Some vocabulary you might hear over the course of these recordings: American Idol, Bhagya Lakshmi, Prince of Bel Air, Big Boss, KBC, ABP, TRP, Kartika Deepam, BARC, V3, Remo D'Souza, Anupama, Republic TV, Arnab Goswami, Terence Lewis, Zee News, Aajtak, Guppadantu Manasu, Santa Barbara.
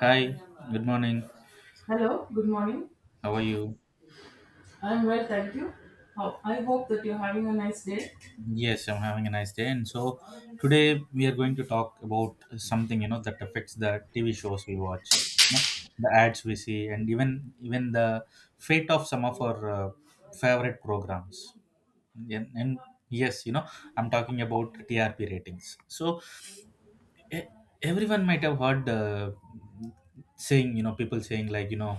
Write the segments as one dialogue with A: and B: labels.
A: Hi, good morning.
B: Hello, good morning.
A: How are you?
B: I'm well, thank you. How I hope that you're having a nice day.
A: Yes, I'm having a nice day. And so today we are going to talk about something you know that affects the TV shows we watch, you know, the ads we see, and even the fate of some of our favorite programs. And yes, you know, I'm talking about TRP ratings. So e- everyone might have heard saying you know people saying like you know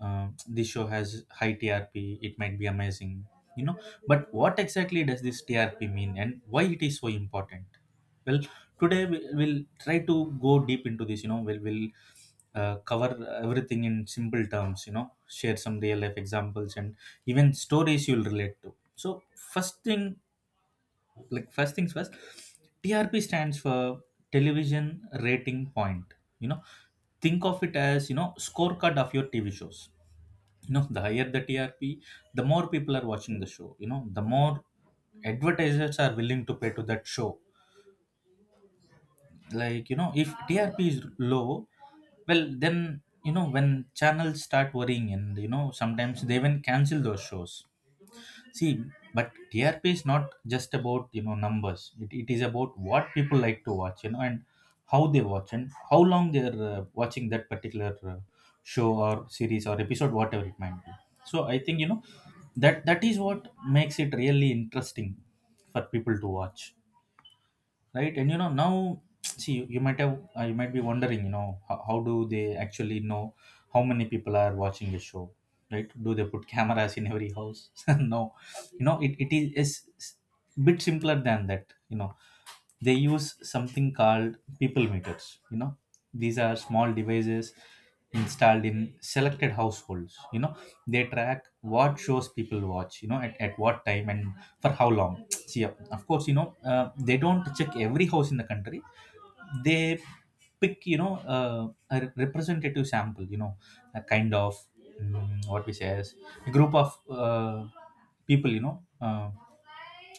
A: this show has high trp it might be amazing you know, but what exactly does this trp mean, and why it is so important? Well, today we'll try to go deep into this you know we'll cover everything in simple terms, you know, share some real life examples and even stories you'll relate to. So first thing, like first things first, trp stands for television rating point, you know. Think of it as, you know, scorecard of your tv shows, you know. The higher the trp, the more people are watching the show, you know, the more advertisers are willing to pay to that show. Like you know, if trp is low, well then, you know, when channels start worrying and you know sometimes they even cancel those shows. See, but TRP is not just about you know numbers. It is about what people like to watch, you know, and how they watch and how long they are watching that particular show or series or episode, whatever it might be. So I think you know that is what makes it really interesting for people to watch, right? And you know now, see you might have you might be wondering, you know, how do they actually know how many people are watching a show? Right, do they put cameras in every house? No, you know, it is it's bit simpler than that, you know. They use something called people meters, you know. These are small devices installed in selected households, you know. They track what shows people watch, you know, at what time and for how long. See, of course, you know, they don't check every house in the country. They pick, you know, a representative sample, you know, a kind of what we say as a group of uh, people, you know, uh,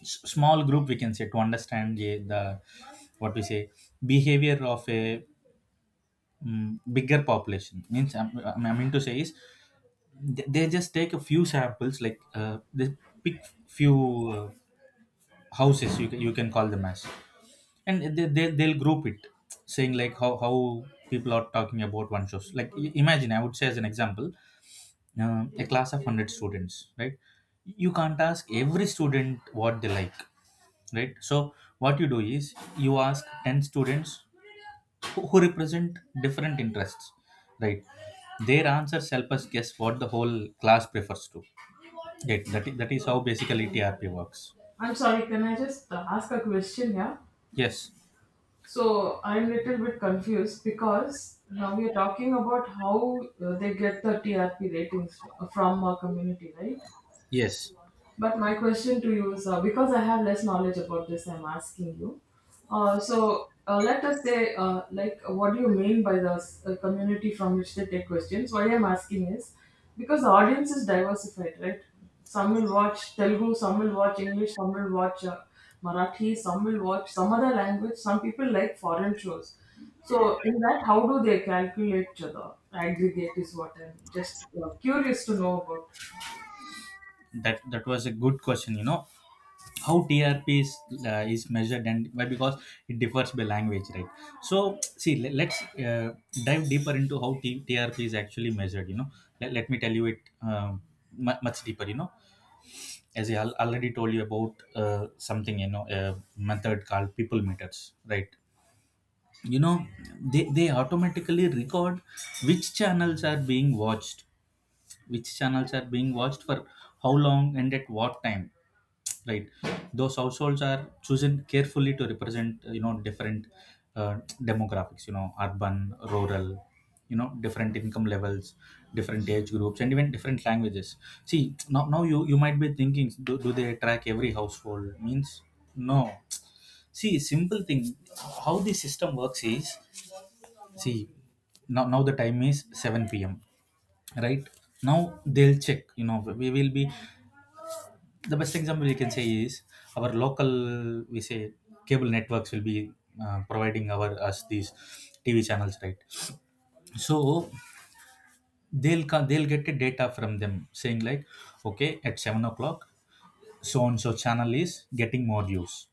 A: small group, we can say, to understand the what we say behavior of a bigger population. Means I mean to say is they just take a few samples like they pick few uh, houses, you you can call them as, and they'll group it saying like how people are talking about one shows. Like imagine, I would say as an example, a class of 100 students, right? You can't ask every student what they like, right? So what you do is you ask 10 students who represent different interests, right? Their answers help us guess what the whole class prefers to, right? That is how basically trp works.
B: I'm sorry, can I just ask a question here?
A: Yes.
B: So, I'm little bit confused because now we are talking about how they get the TRP ratings from a community, right?
A: yes
B: But my question to you is because I have less knowledge about this, I'm asking you. Let us say, like, what do you mean by the community from which they take questions? Why I'm asking is because the audience is diversified, right? Some will watch Telugu, some will watch English, some will watch Marathi, some will watch some other language. Some people like foreign shows. So in that, how do they calculate the aggregate? Is what I'm just curious to know about.
A: that that was a good question, you know, how trp is measured and why, because it differs by language, right? So see let's dive deeper into how trp is actually measured, you know. Let me tell you it much deeper, you know. As I already told you about something, you know, a method called people meters, right? You know, they automatically record which channels are being watched, which channels are being watched for how long and at what time, right? Those households are chosen carefully to represent you know different uh, demographics, you know, urban rural, you know, different income levels, different age groups, and even different languages. See, now you might be thinking, do, do they track every household? Means no. See simple thing, how the system works is, see, now the time is 7 p.m., right? Now they'll check, you know, we will be the best example we can say is our local we say cable networks will be providing our us these tv channels, right? So they'll get a data from them saying like, okay, at 7 o'clock so and so channel is getting more views,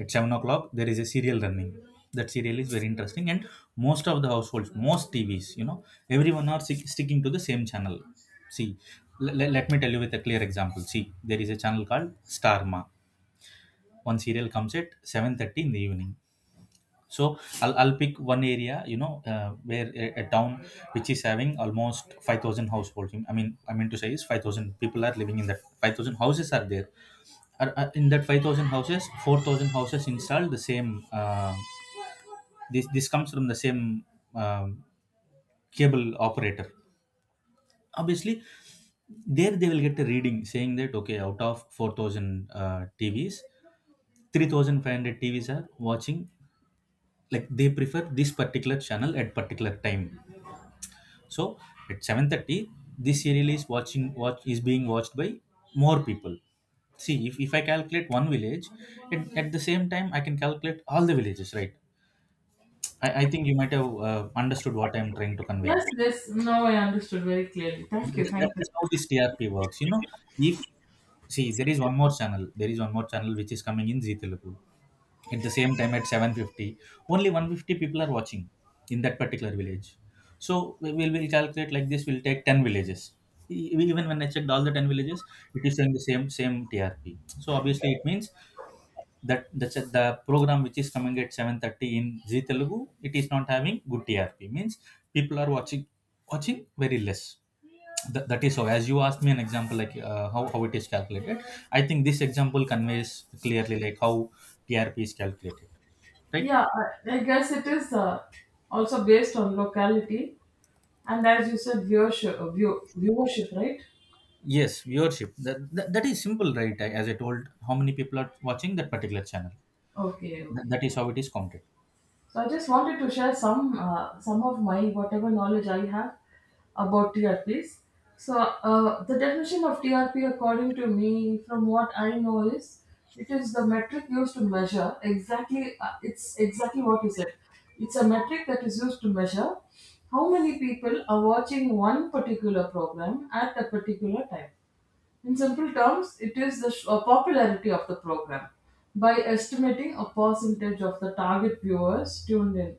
A: at 7 o'clock there is a serial running, that serial is very interesting, and most of the households most tvs, you know, everyone are sticking to the same channel. See, let me tell you with a clear example. See, there is a channel called starma, one serial comes at 7:30 in the evening. So I'll pick one area, you know, where a town which is having almost 5000 households. I mean to say is 5000 people are living in that, 5000 houses are there. Are in that 5000 houses, 4000 houses installed the same, this comes from the same um, cable operator. Obviously there they will get a reading saying that okay out of 4000 tvs, 3500 tvs are watching, like they prefer this particular channel at particular time. So at 7:30 this serial is watching watch is being watched by more people. See, if I calculate one village at the same time, I can calculate all the villages, right? I think you might have understood what I'm trying to convey.
B: Yes, yes. Now I understood very clearly. Thank you,
A: That
B: thank you.
A: is how this TRP works. You know, if, see, there is one more channel, there is one more channel which is coming in Zee Telugu at the same time at 7:50. Only 150 people are watching in that particular village. So we'll calculate like this. We'll take 10 villages. Even when I checked all the 10 villages, it is showing the same TRP. So obviously it means that the program which is coming at 7:30 in Zee Telugu, it is not having good TRP. Means people are watching very less. That is how. As you asked me an example like how it is calculated, I think this example conveys clearly like how TRP is calculated, right?
B: Yeah, I guess it is also based on locality and, as you said, viewership, viewership, right?
A: Yes, viewership. That is simple, right? As I told, how many people are watching that particular channel.
B: Okay,
A: Th-
B: okay.
A: that is how it is counted.
B: So I just wanted to share some of my whatever knowledge I have about TRPs. So the definition of TRP, according to me, from what I know, is it is the metric used to measure exactly. It's exactly what you said. It's a metric that is used to measure how many people are watching one particular program at a particular time. In simple terms, it is the popularity of the program. By estimating a percentage of the target viewers tuned in.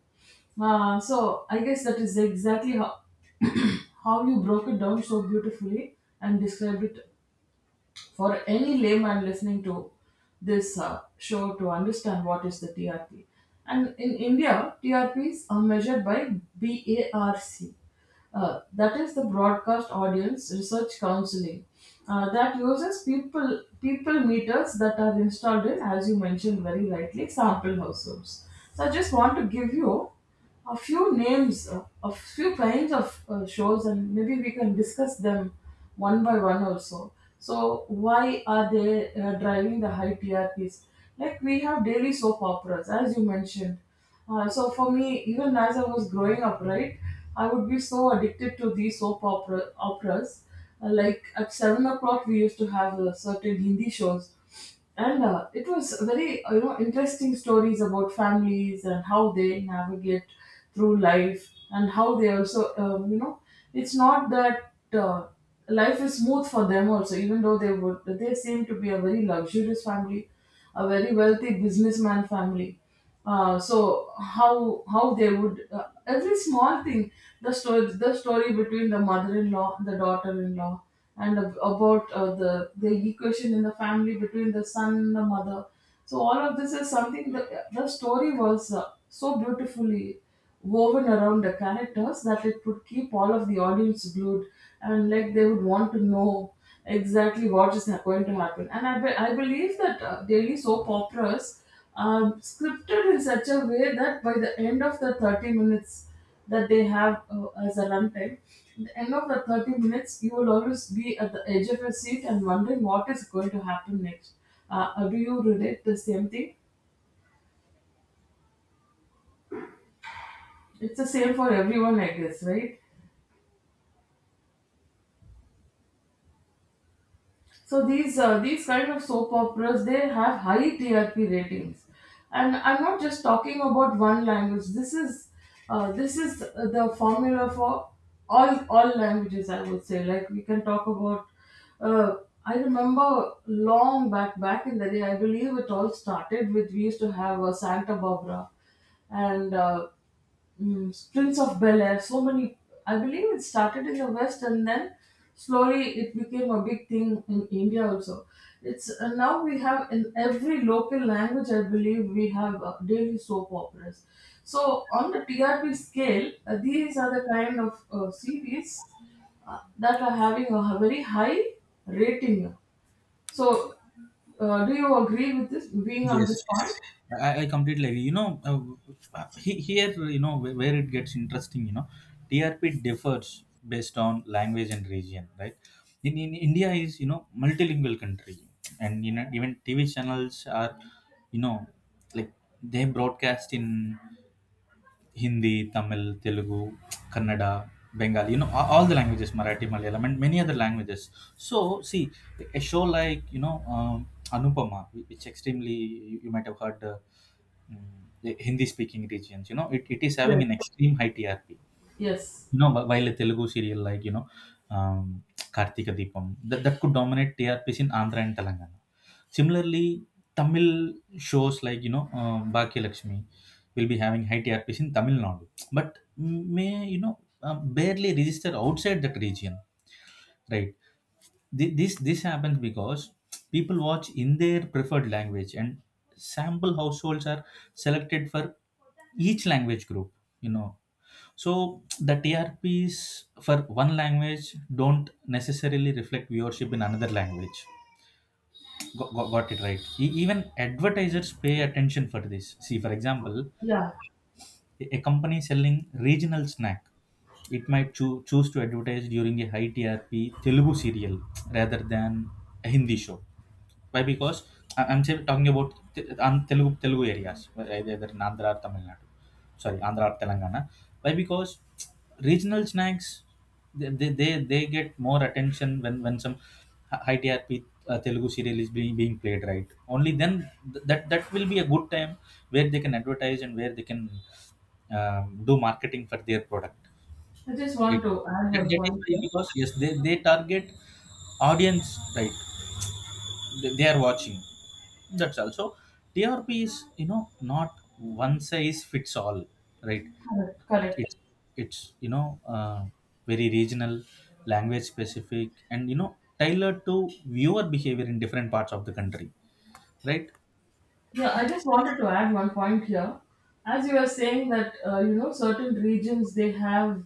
B: So I guess that is exactly how how you broke it down so beautifully and described it for any layman listening to this show to understand what is the TRP. And in India, TRPs are measured by BARC. That is the broadcast audience research counseling that uses people meters that are installed in, as you mentioned very rightly, sample households. So I just want to give you a few names, a few kinds of shows, and maybe we can discuss them one by one also. So, why are they driving the high TRPs? Like we have daily soap operas, as you mentioned. So for me, even as I was growing up, right, I would be so addicted to these soap opera operas. Like at 7 o'clock, we used to have certain Hindi shows, and it was very you know interesting stories about families and how they navigate through life and how they also you know it's not that life is smooth for them also even though they seem to be a very luxurious family, a very wealthy businessman family, so how they would every small thing, the story between the mother-in-law, the daughter-in-law, and about the equation in the family between the son and the mother. So all of this is something that the story was so beautifully woven around the characters that it would keep all of the audience glued, and like they would want to know exactly what is going to happen. And I believe that daily soap operas are scripted in such a way that by the end of the 30 minutes that they have as a runtime, the end of the 30 minutes, you will always be at the edge of your seat and wondering what is going to happen next. Do you relate the same thing? It's the same for everyone, I guess, right? So these kind of soap operas they have high TRP ratings, and I'm not just talking about one language. This is the formula for all languages. I would say like we can talk about. Uh, I remember long back in the day. I believe it all started with we used to have a Santa Barbara, and Prince of Bel Air, so many. I believe it started in the West and then slowly it became a big thing in India also. It's now we have in every local language, I believe we have daily soap operas. So on the TRP scale, these are the kind of series that are having a very high rating. So, do you agree with this being on
A: Yes,
B: this point?
A: I completely agree. You know, here, you know, where it gets interesting, you know, TRP differs based on language and region, right? In India is, you know, multilingual country. And, you know, even TV channels are, you know, like they broadcast in Hindi, Tamil, Telugu, Kannada, Bengali, you know, all the languages, Marathi, Malayalam, and many other languages. So, see, a show like, you know, Anupama, which extremely, you might have heard, the Hindi speaking regions, you know, it is having
B: Yes.
A: an extreme high TRP.
B: Yes.
A: You know, while a Telugu serial like, you know, um, Kartika Deepam, that could dominate TRPs in Andhra and Telangana. Similarly, Tamil shows like, you know, Bhagya Lakshmi will be having high TRPs in Tamil Nadu, but may, you know, barely register outside that region, right? This happens because people watch in their preferred language and sample households are selected for each language group, you know. So the TRPs for one language don't necessarily reflect viewership in another language. Got it right. Even advertisers pay attention for this. See, for example,
B: Yeah.
A: a company selling regional snack, it might choose to advertise during a high TRP Telugu serial rather than a Hindi show. Why? Because I'm still talking about Telugu Telugu areas, right, either in Andhra or Tamil Nadu. Sorry, Andhra or Telangana. Why? Because regional snacks they get more attention when some high TRP Telugu serial is being played, right? Only then that will be a good time where they can advertise and where they can um, do marketing for their product.
B: I just
A: Like,
B: want to add
A: that
B: one
A: that is
B: point
A: why,
B: here.
A: because yes, they target audience, right? They are watching. That's also trp is, you know, not one size fits all, right?
B: Correct,
A: it,
B: correct.
A: it's it's, you know, very regional, language specific, and you know tailored to viewer behavior in different parts of the country, right?
B: Yeah, I just wanted to add one point here. As you were saying that you know certain regions they have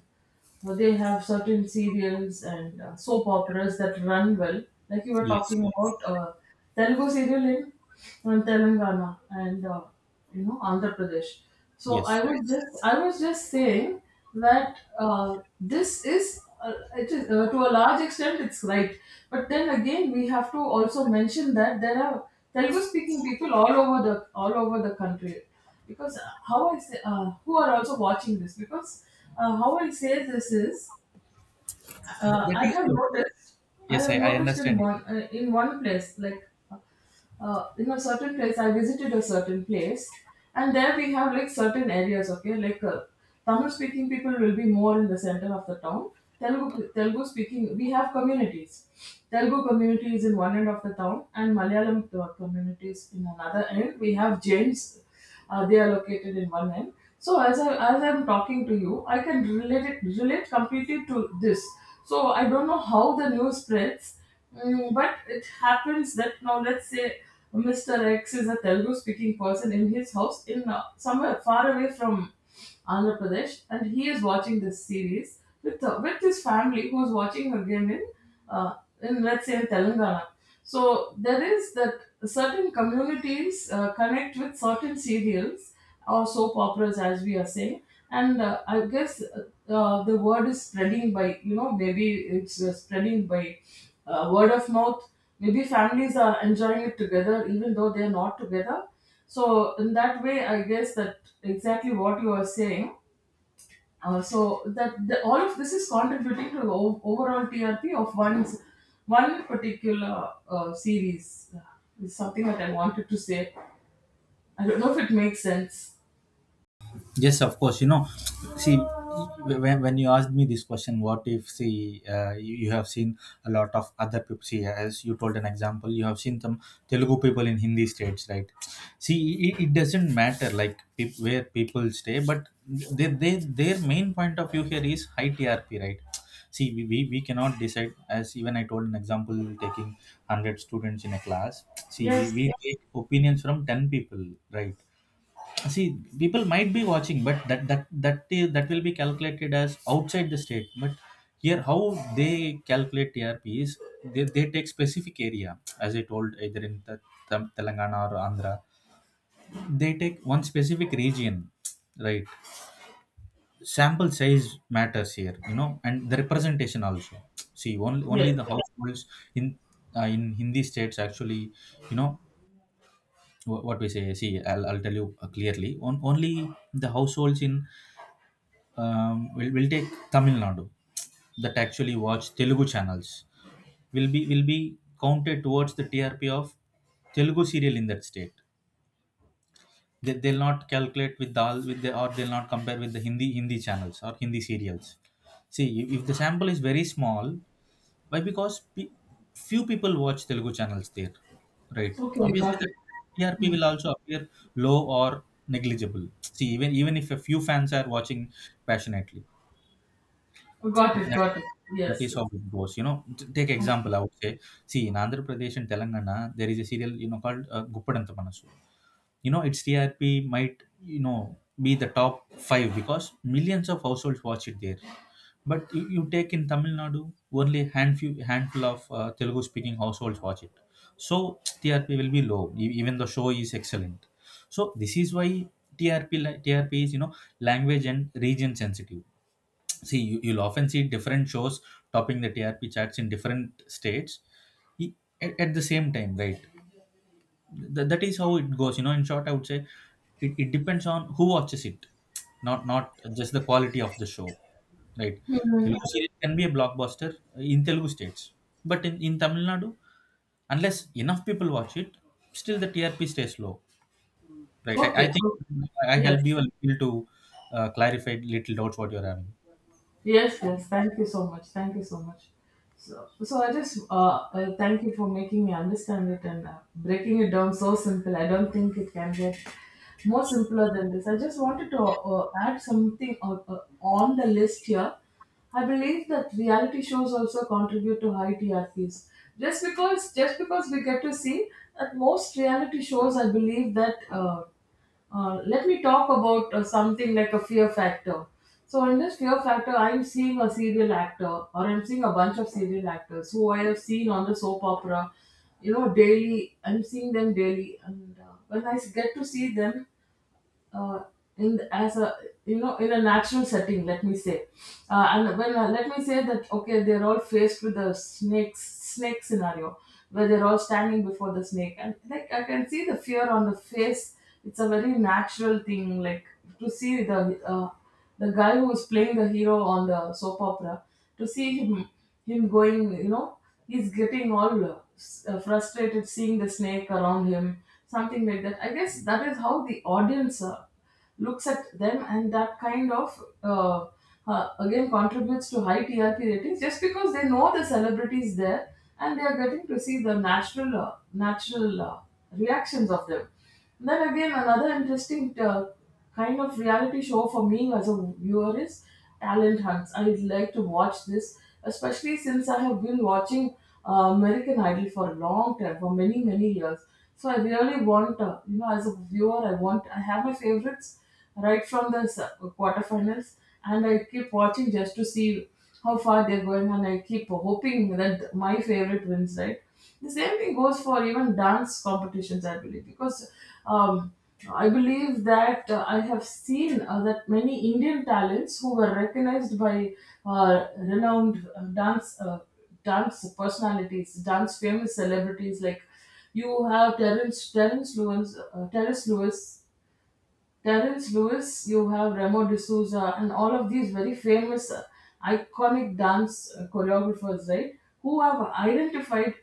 B: certain serials and soap operas that run well. Like you were
A: Yes,
B: talking about Telugu serial in Telangana and you know Andhra Pradesh. So
A: yes.
B: I was just saying that this is it is to a large extent it's right, but then again we have to also mention that there are Telugu speaking people all over the country because how I say who are also watching this because how I say this is
A: Th- that
B: I
A: is
B: have
A: what,
B: noticed. I
A: yes, i,
B: have
A: I
B: noticed
A: understand.
B: in one place, like in a certain place, I visited a certain place, and there we have like certain areas. Okay, like Tamil speaking people will be more in the center of the town. Telugu speaking, we have communities. Telugu community is in one end of the town, and Malayalam communities in another end. We have Jains. They are located in one end. So as I'm talking to you, I can relate completely to this. So I don't know how the news spreads, but it happens that now let's say Mr. X is a Telugu speaking person in his house in somewhere far away from Andhra Pradesh, and he is watching this series with his family, who is watching again uh, in let's say in Telangana. So there is that certain communities connect with certain serials or soap operas, as we are saying, and I guess the word is spreading by you know maybe it's spreading by word of mouth. Maybe families are enjoying it together, even though they're not together. So in that way I guess that exactly what you are saying, so that the, all of this is contributing to the overall TRP of one particular series, is something that I wanted to say. I don't know if it makes sense.
A: Yes, of course. You know, see, when you asked me this question, what if, see, you have seen a lot of other people, see, as you told an example, you have seen some Telugu people in Hindi states, right? See, it doesn't matter, like, peop where people stay, but their main point of view here is high TRP, right? See, we cannot decide, as even I told an example, taking 100 students in a class. See, we,
B: Yes,
A: we take opinions from 10 people, right? See, people might be watching, but that will be calculated as outside the state. But here, how they calculate trp is they take specific area, as I told, either in Telangana or Andhra. They take one specific region, right? Sample size matters here, you know, and the representation also. See, only
B: yes.
A: the households in in Hindi states, actually, you know, wh- what we say see I'll tell you clearly, only the households in we'll take Tamil Nadu that actually watch Telugu channels will be counted towards the TRP of Telugu serial in that state. They'll not calculate with dal with the or they'll not compare with the Hindi channels or Hindi serials. See, if the sample is very small. Why? Because few people watch Telugu channels there, right?
B: Okay,
A: Obviously,
B: got
A: the
B: it.
A: TRP
B: Hmm.
A: will also appear low or negligible. See, even if a few fans are watching passionately,
B: Got it, got it.
A: that
B: Yes,
A: is
B: yes.
A: how it goes. You know, take
B: Okay.
A: example. I would say, see, in Andhra Pradesh and Telangana, there is a serial, you know, called Guppadantu Manasu. You know, its TRP might, you know, be the top five because millions of households watch it there. But you take in Tamil Nadu, only handful of Telugu speaking households watch it. So TRP will be low, even the show is excellent. So this is why TRP is, you know, language and region sensitive. See, you'll often see different shows topping the trp charts in different states i- at the same time, right? That is how it goes. You know, in short, I would say it depends on who watches it, not just the quality of the show, right? Telugu series can be a blockbuster in telugu states, but in Tamil Nadu, unless enough people watch it, still the trp stays low, right? I
B: Okay,
A: think
B: okay.
A: I
B: Yes.
A: help you a little to clarify little doubts what you're having.
B: Yes, yes. Thank you so much. Thank you so much. So, I just thank you for making me understand it and breaking it down so simple. I don't think it can get more simpler than this. I just wanted to add something on the list here. I believe that reality shows also contribute to high TRPs. Just because we get to see that most reality shows, I believe that. Let me talk about something like a fear factor. So, in this fear factor, I'm seeing a serial actor, or I'm seeing a bunch of serial actors who I have seen on the soap opera, you know, daily. I'm seeing them daily, and when I s- get to see them, uh, in the, as a you know in a natural setting let me say, and when let me say that okay they're all faced with the snake scenario where they're all standing before the snake and like I can see the fear on the face. It's a very natural thing like to see uh, the guy who was playing the hero on the soap opera, to see him going, you know, he's getting all frustrated seeing the snake around him, something like that. I guess that is how the audience looks at them, and that kind of again contributes to high TRP ratings just because they know the celebrities there and they are getting to see the natural reactions of them. Then again, another interesting kind of reality show for me as a viewer is Talent Hunts. I'd like to watch this, especially since I have been watching uh, American Idol for a long time, for many many years. So I really want, you know, as a viewer, I want, I have my favorites right from the quarterfinals, and I keep watching just to see how far they're going, and I keep hoping that my favorite wins, right? The same thing goes for even dance competitions, I believe, because um, I believe that I have seen that many Indian talents who were recognized by renowned dance dance personalities, dance famous celebrities like you have Terence Lewis, Terence Lewis, you have Remo D'Souza, and all of these very famous, iconic dance choreographers, right? Who have identified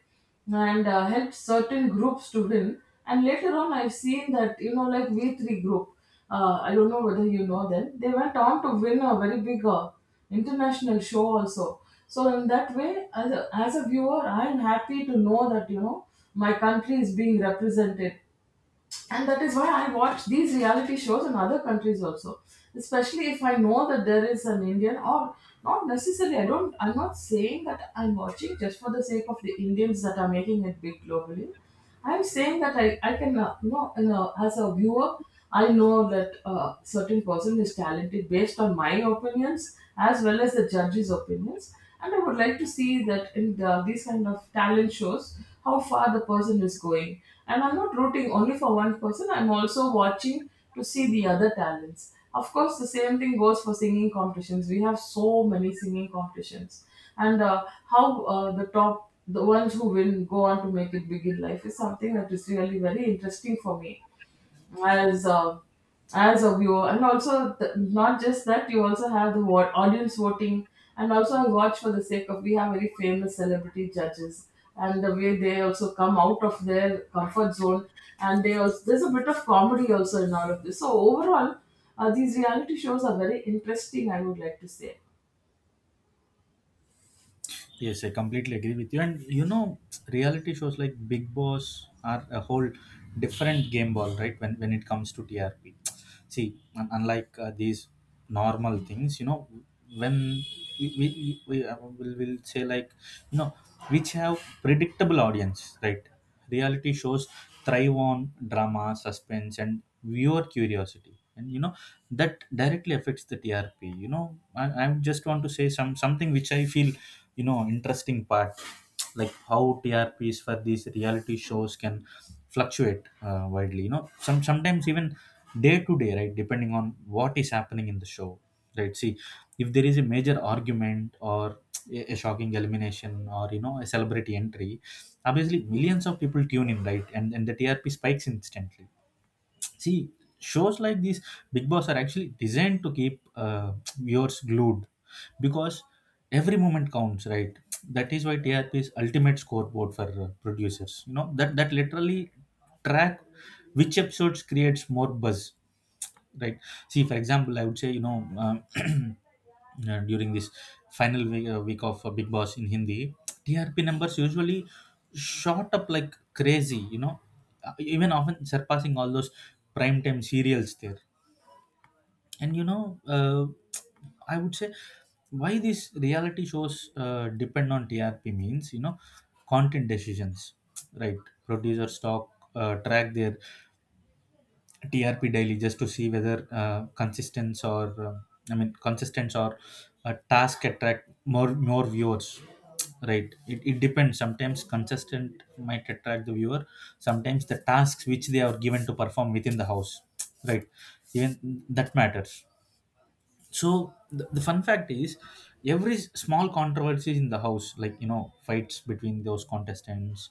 B: and helped certain groups to win. And later on, I've seen that, you know, like V3 group, I don't know whether you know them, they went on to win a very big international show also. So, in that way, as as a viewer, I'm happy to know that, you know, my country is being represented, and that is why I watch these reality shows in other countries also. Especially if I know that there is an Indian or not necessarily, I'm not saying that I'm watching just for the sake of the Indians that are making it big globally. I'm saying that I can, you know, as a viewer, I know that a certain person is talented based on my opinions as well as the judges' opinions, and I would like to see that in these kind of talent shows how far the person is going. And I'm not rooting only for one person; I'm also watching to see the other talents. Of course, the same thing goes for singing competitions. We have so many singing competitions, and how the top the ones who win go on to make it big in life is something that is really very interesting for me as uh, as a viewer. And also, not just that, you also have the audience voting, and also I watch for the sake of, we have very famous celebrity judges, and the way they also come out of their comfort zone, and they also, there's a bit of comedy also in all of this. So overall, these reality shows are very interesting, I would like to say.
A: Yes, I completely agree with you. And you know, reality shows like Big Boss are a whole different game ball, right? When it comes to TRP, see, unlike these normal things, you know, when we, will say, like, you know, which have predictable audience, right? Reality shows thrive on drama, suspense, and viewer curiosity, and you know that directly affects the trp. You know, I just want to say something which I feel, you know, interesting part, like how trps for these reality shows can fluctuate widely. You know, sometimes even day to day, right, depending on what is happening in the show, right? See, if there is a major argument, or a shocking elimination, or, you know, a celebrity entry, obviously millions of people tune in, right, and the trp spikes instantly. See, shows like these big boss are actually designed to keep viewers glued, because every moment counts, right? That is why trp is ultimate scoreboard for producers, you know, that literally track which episodes creates more buzz, right? See, for example, I would say, you know, during this final week, week of big boss in Hindi, trp numbers usually shot up like crazy, you know, even often surpassing all those primetime serials there. And you know, I would say why these reality shows depend on trp means, you know, content decisions, right? Producers talk track their TRP daily just to see whether consistence or a task attract more viewers, right? It depends, sometimes consistent might attract the viewer, sometimes the tasks which they are given to perform within the house, right? Even that matters. So the fun fact is every small controversies in the house, like, you know, fights between those contestants,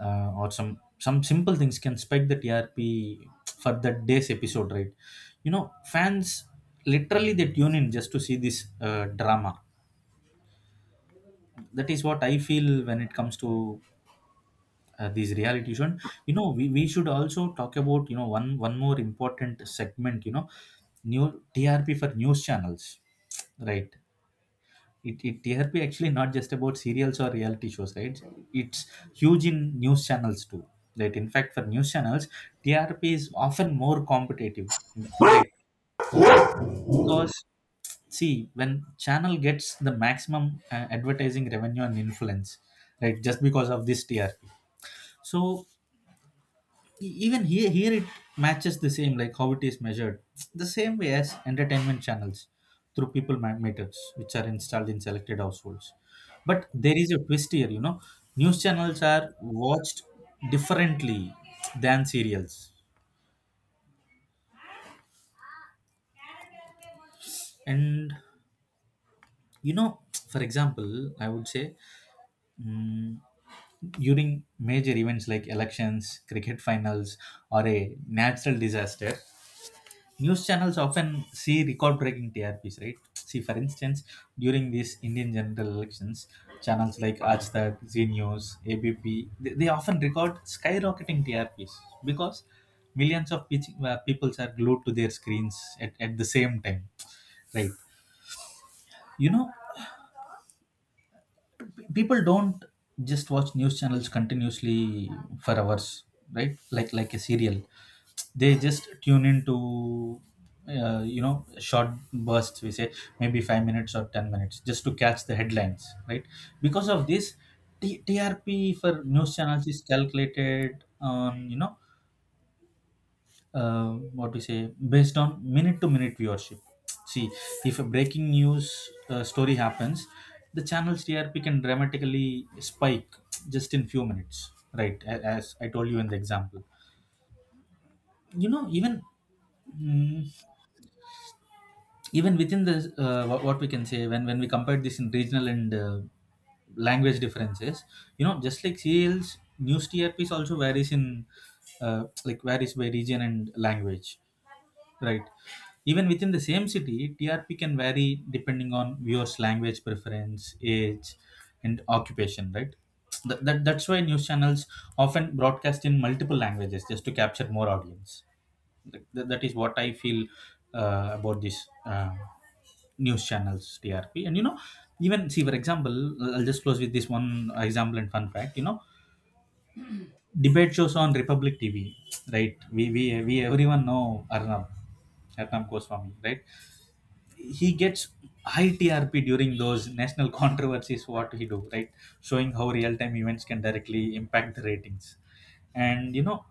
A: or some simple things can spike the trp for that day's episode, right? You know, fans literally they tune in just to see this drama. That is what I feel when it comes to these reality show. And, you know, we should also talk about, you know, one more important segment, you know, new trp for news channels, right? it TRP actually not just about serials or reality shows, right? It's huge in news channels too. Right. In fact, for news channels, TRP is often more competitive. Right. Because, see, when channel gets the maximum advertising revenue and influence, right, just because of this TRP. So even here, it matches the same, like how it is measured the same way as entertainment channels, through people meters which are installed in selected households. But there is a twist here, you know, news channels are watched differently than serials. And, you know, for example, I would say, mm, during major events like elections, cricket finals, or a natural disaster, news channels often see record breaking TRPs, right? See, for instance, during these Indian general elections, channels like Aajtak, Zee News, ABP, they often record skyrocketing TRPs, because millions of people are glued to their screens at the same time, right? You know, people don't just watch news channels continuously for hours, right, like a serial. They just tune into you know, short bursts, we say, maybe 5 minutes or 10 minutes just to catch the headlines, right? Because of this, trp for news channels is calculated on, you know, uh, what we say, based on minute to minute viewership. See, if a breaking news story happens, the channel's trp can dramatically spike just in few minutes, right? As I told you in the example, you know, even mm, even within the what we can say, when we compare this in regional and language differences, you know, just like serials, news trps also varies in varies by region and language. Right. Even within the same city, TRP can vary depending on viewers' language preference, age, and occupation, right? That's why news channels often broadcast in multiple languages just to capture more audience. That is what I feel about this news channels, TRP. And you know, even see, for example, I'll just close with this one example and fun fact. You know, debate shows on Republic TV, right? We everyone know Arnab Goswami, right? He gets high TRP during those national controversies. What he do, right? Showing how real time events can directly impact the ratings. And you know,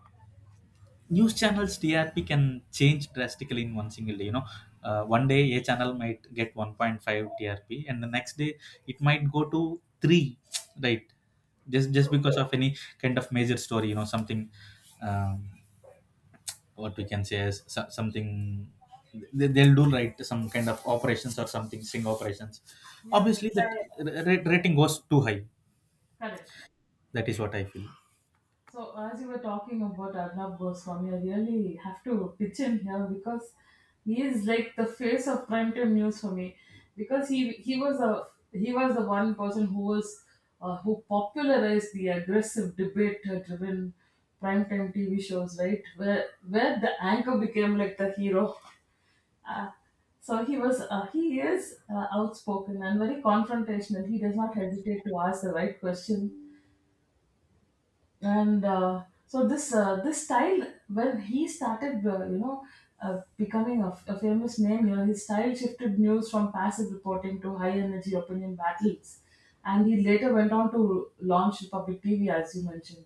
A: news channels TRP can change drastically in one single day. You know, one day a channel might get 1.5 TRP, and the next day it might go to three, right? Just because of any kind of major story, you know, something. Um, what we can say is something they'll do, right, some kind of operations or something sting operations.
B: Yeah, yeah.
A: Obviously that rating goes too high.
B: Correct.
A: That is what I feel.
B: So, as you were talking about Arnab Goswami, I really have to pitch in here, because he is like the face of primetime news for me. Because he was a, he was the one person who was who popularized the aggressive debate-driven primetime TV shows, right? Where the anchor became like the hero. Uh, so he was, he is, outspoken and very confrontational. He does not hesitate to ask the right question, and so this, this style, when he started, you know, becoming a famous name here, his style shifted news from passive reporting to high energy opinion battles. And he later went on to launch Public TV, as you mentioned,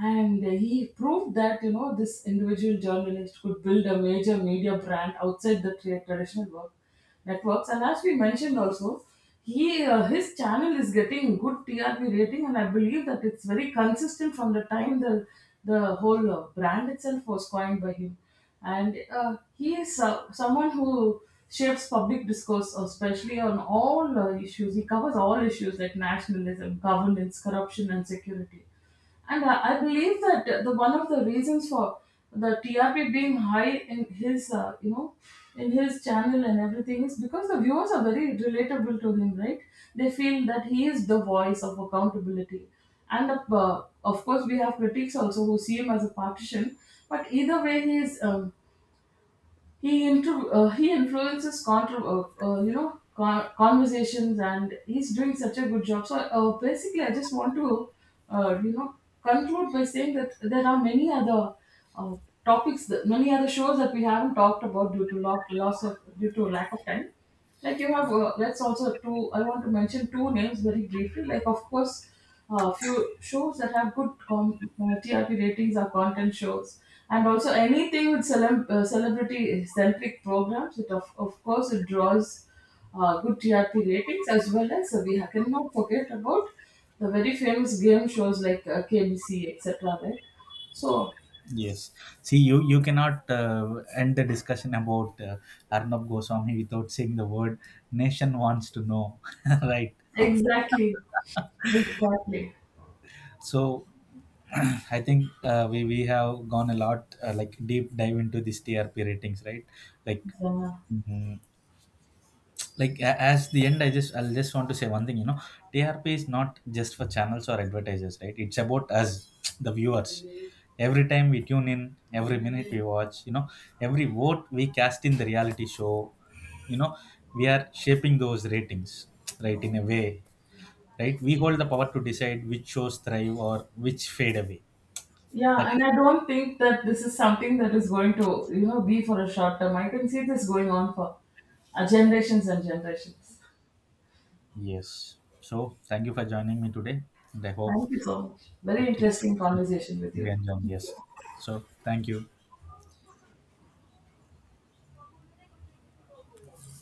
B: and he proved that, you know, this individual journalist could build a major media brand outside the traditional work networks. And as we mentioned also, he, his channel is getting good TRP rating, and I believe that it's very consistent from the time the whole brand itself was coined by him. And he is, someone who shapes public discourse, especially on all issues. He covers all issues like nationalism, governance, corruption and security. And I believe that the one of the reasons for the TRP being high in his, you know, in his channel and everything is because the viewers are very relatable to him, right? They feel that he is the voice of accountability. And of course, we have critics also who see him as a partisan. But either way, he is. He influences you know, conversations, and he's doing such a good job. So basically, I just want to, you know, conclude by saying that there are many other, uh, topics that, many other shows that we haven't talked about due to lo- loss of due to lack of time. Like you have, let's also two. I want to mention two names very briefly. Like of course, few shows that have good TRP ratings are content shows, and also anything with celebrity centric programs. It of course it draws good TRP ratings. As well as, cannot forget about the very famous game shows like, KBC etc. Right. So
A: Yes. See, you cannot end the discussion about Arnab Goswami without saying the word "nation wants to know," right?
B: exactly, exactly.
A: So, I think we have gone a lot deep dive into these TRP ratings, right? Like.
B: Yeah.
A: Mhm. Like, as the end, I just I'll just want to say one thing. You know, trp is not just for channels or advertisers, right? It's about us, the viewers. Every time we tune in, every minute we watch, you know, every vote we cast in the reality show, you know, we are shaping those ratings, right, in a way, right? We hold the power to decide which shows thrive or which fade away. That
B: Yeah,
A: is
B: and I don't think that this is something that is going to, you know, be for a short term. I can see this going on for, generations and generations.
A: yes. So thank you for joining me today, and I hope
B: Thank you so much. Very
A: it, it,
B: interesting conversation with you.
A: it
B: Thank
A: yes.
B: you.
A: So thank you.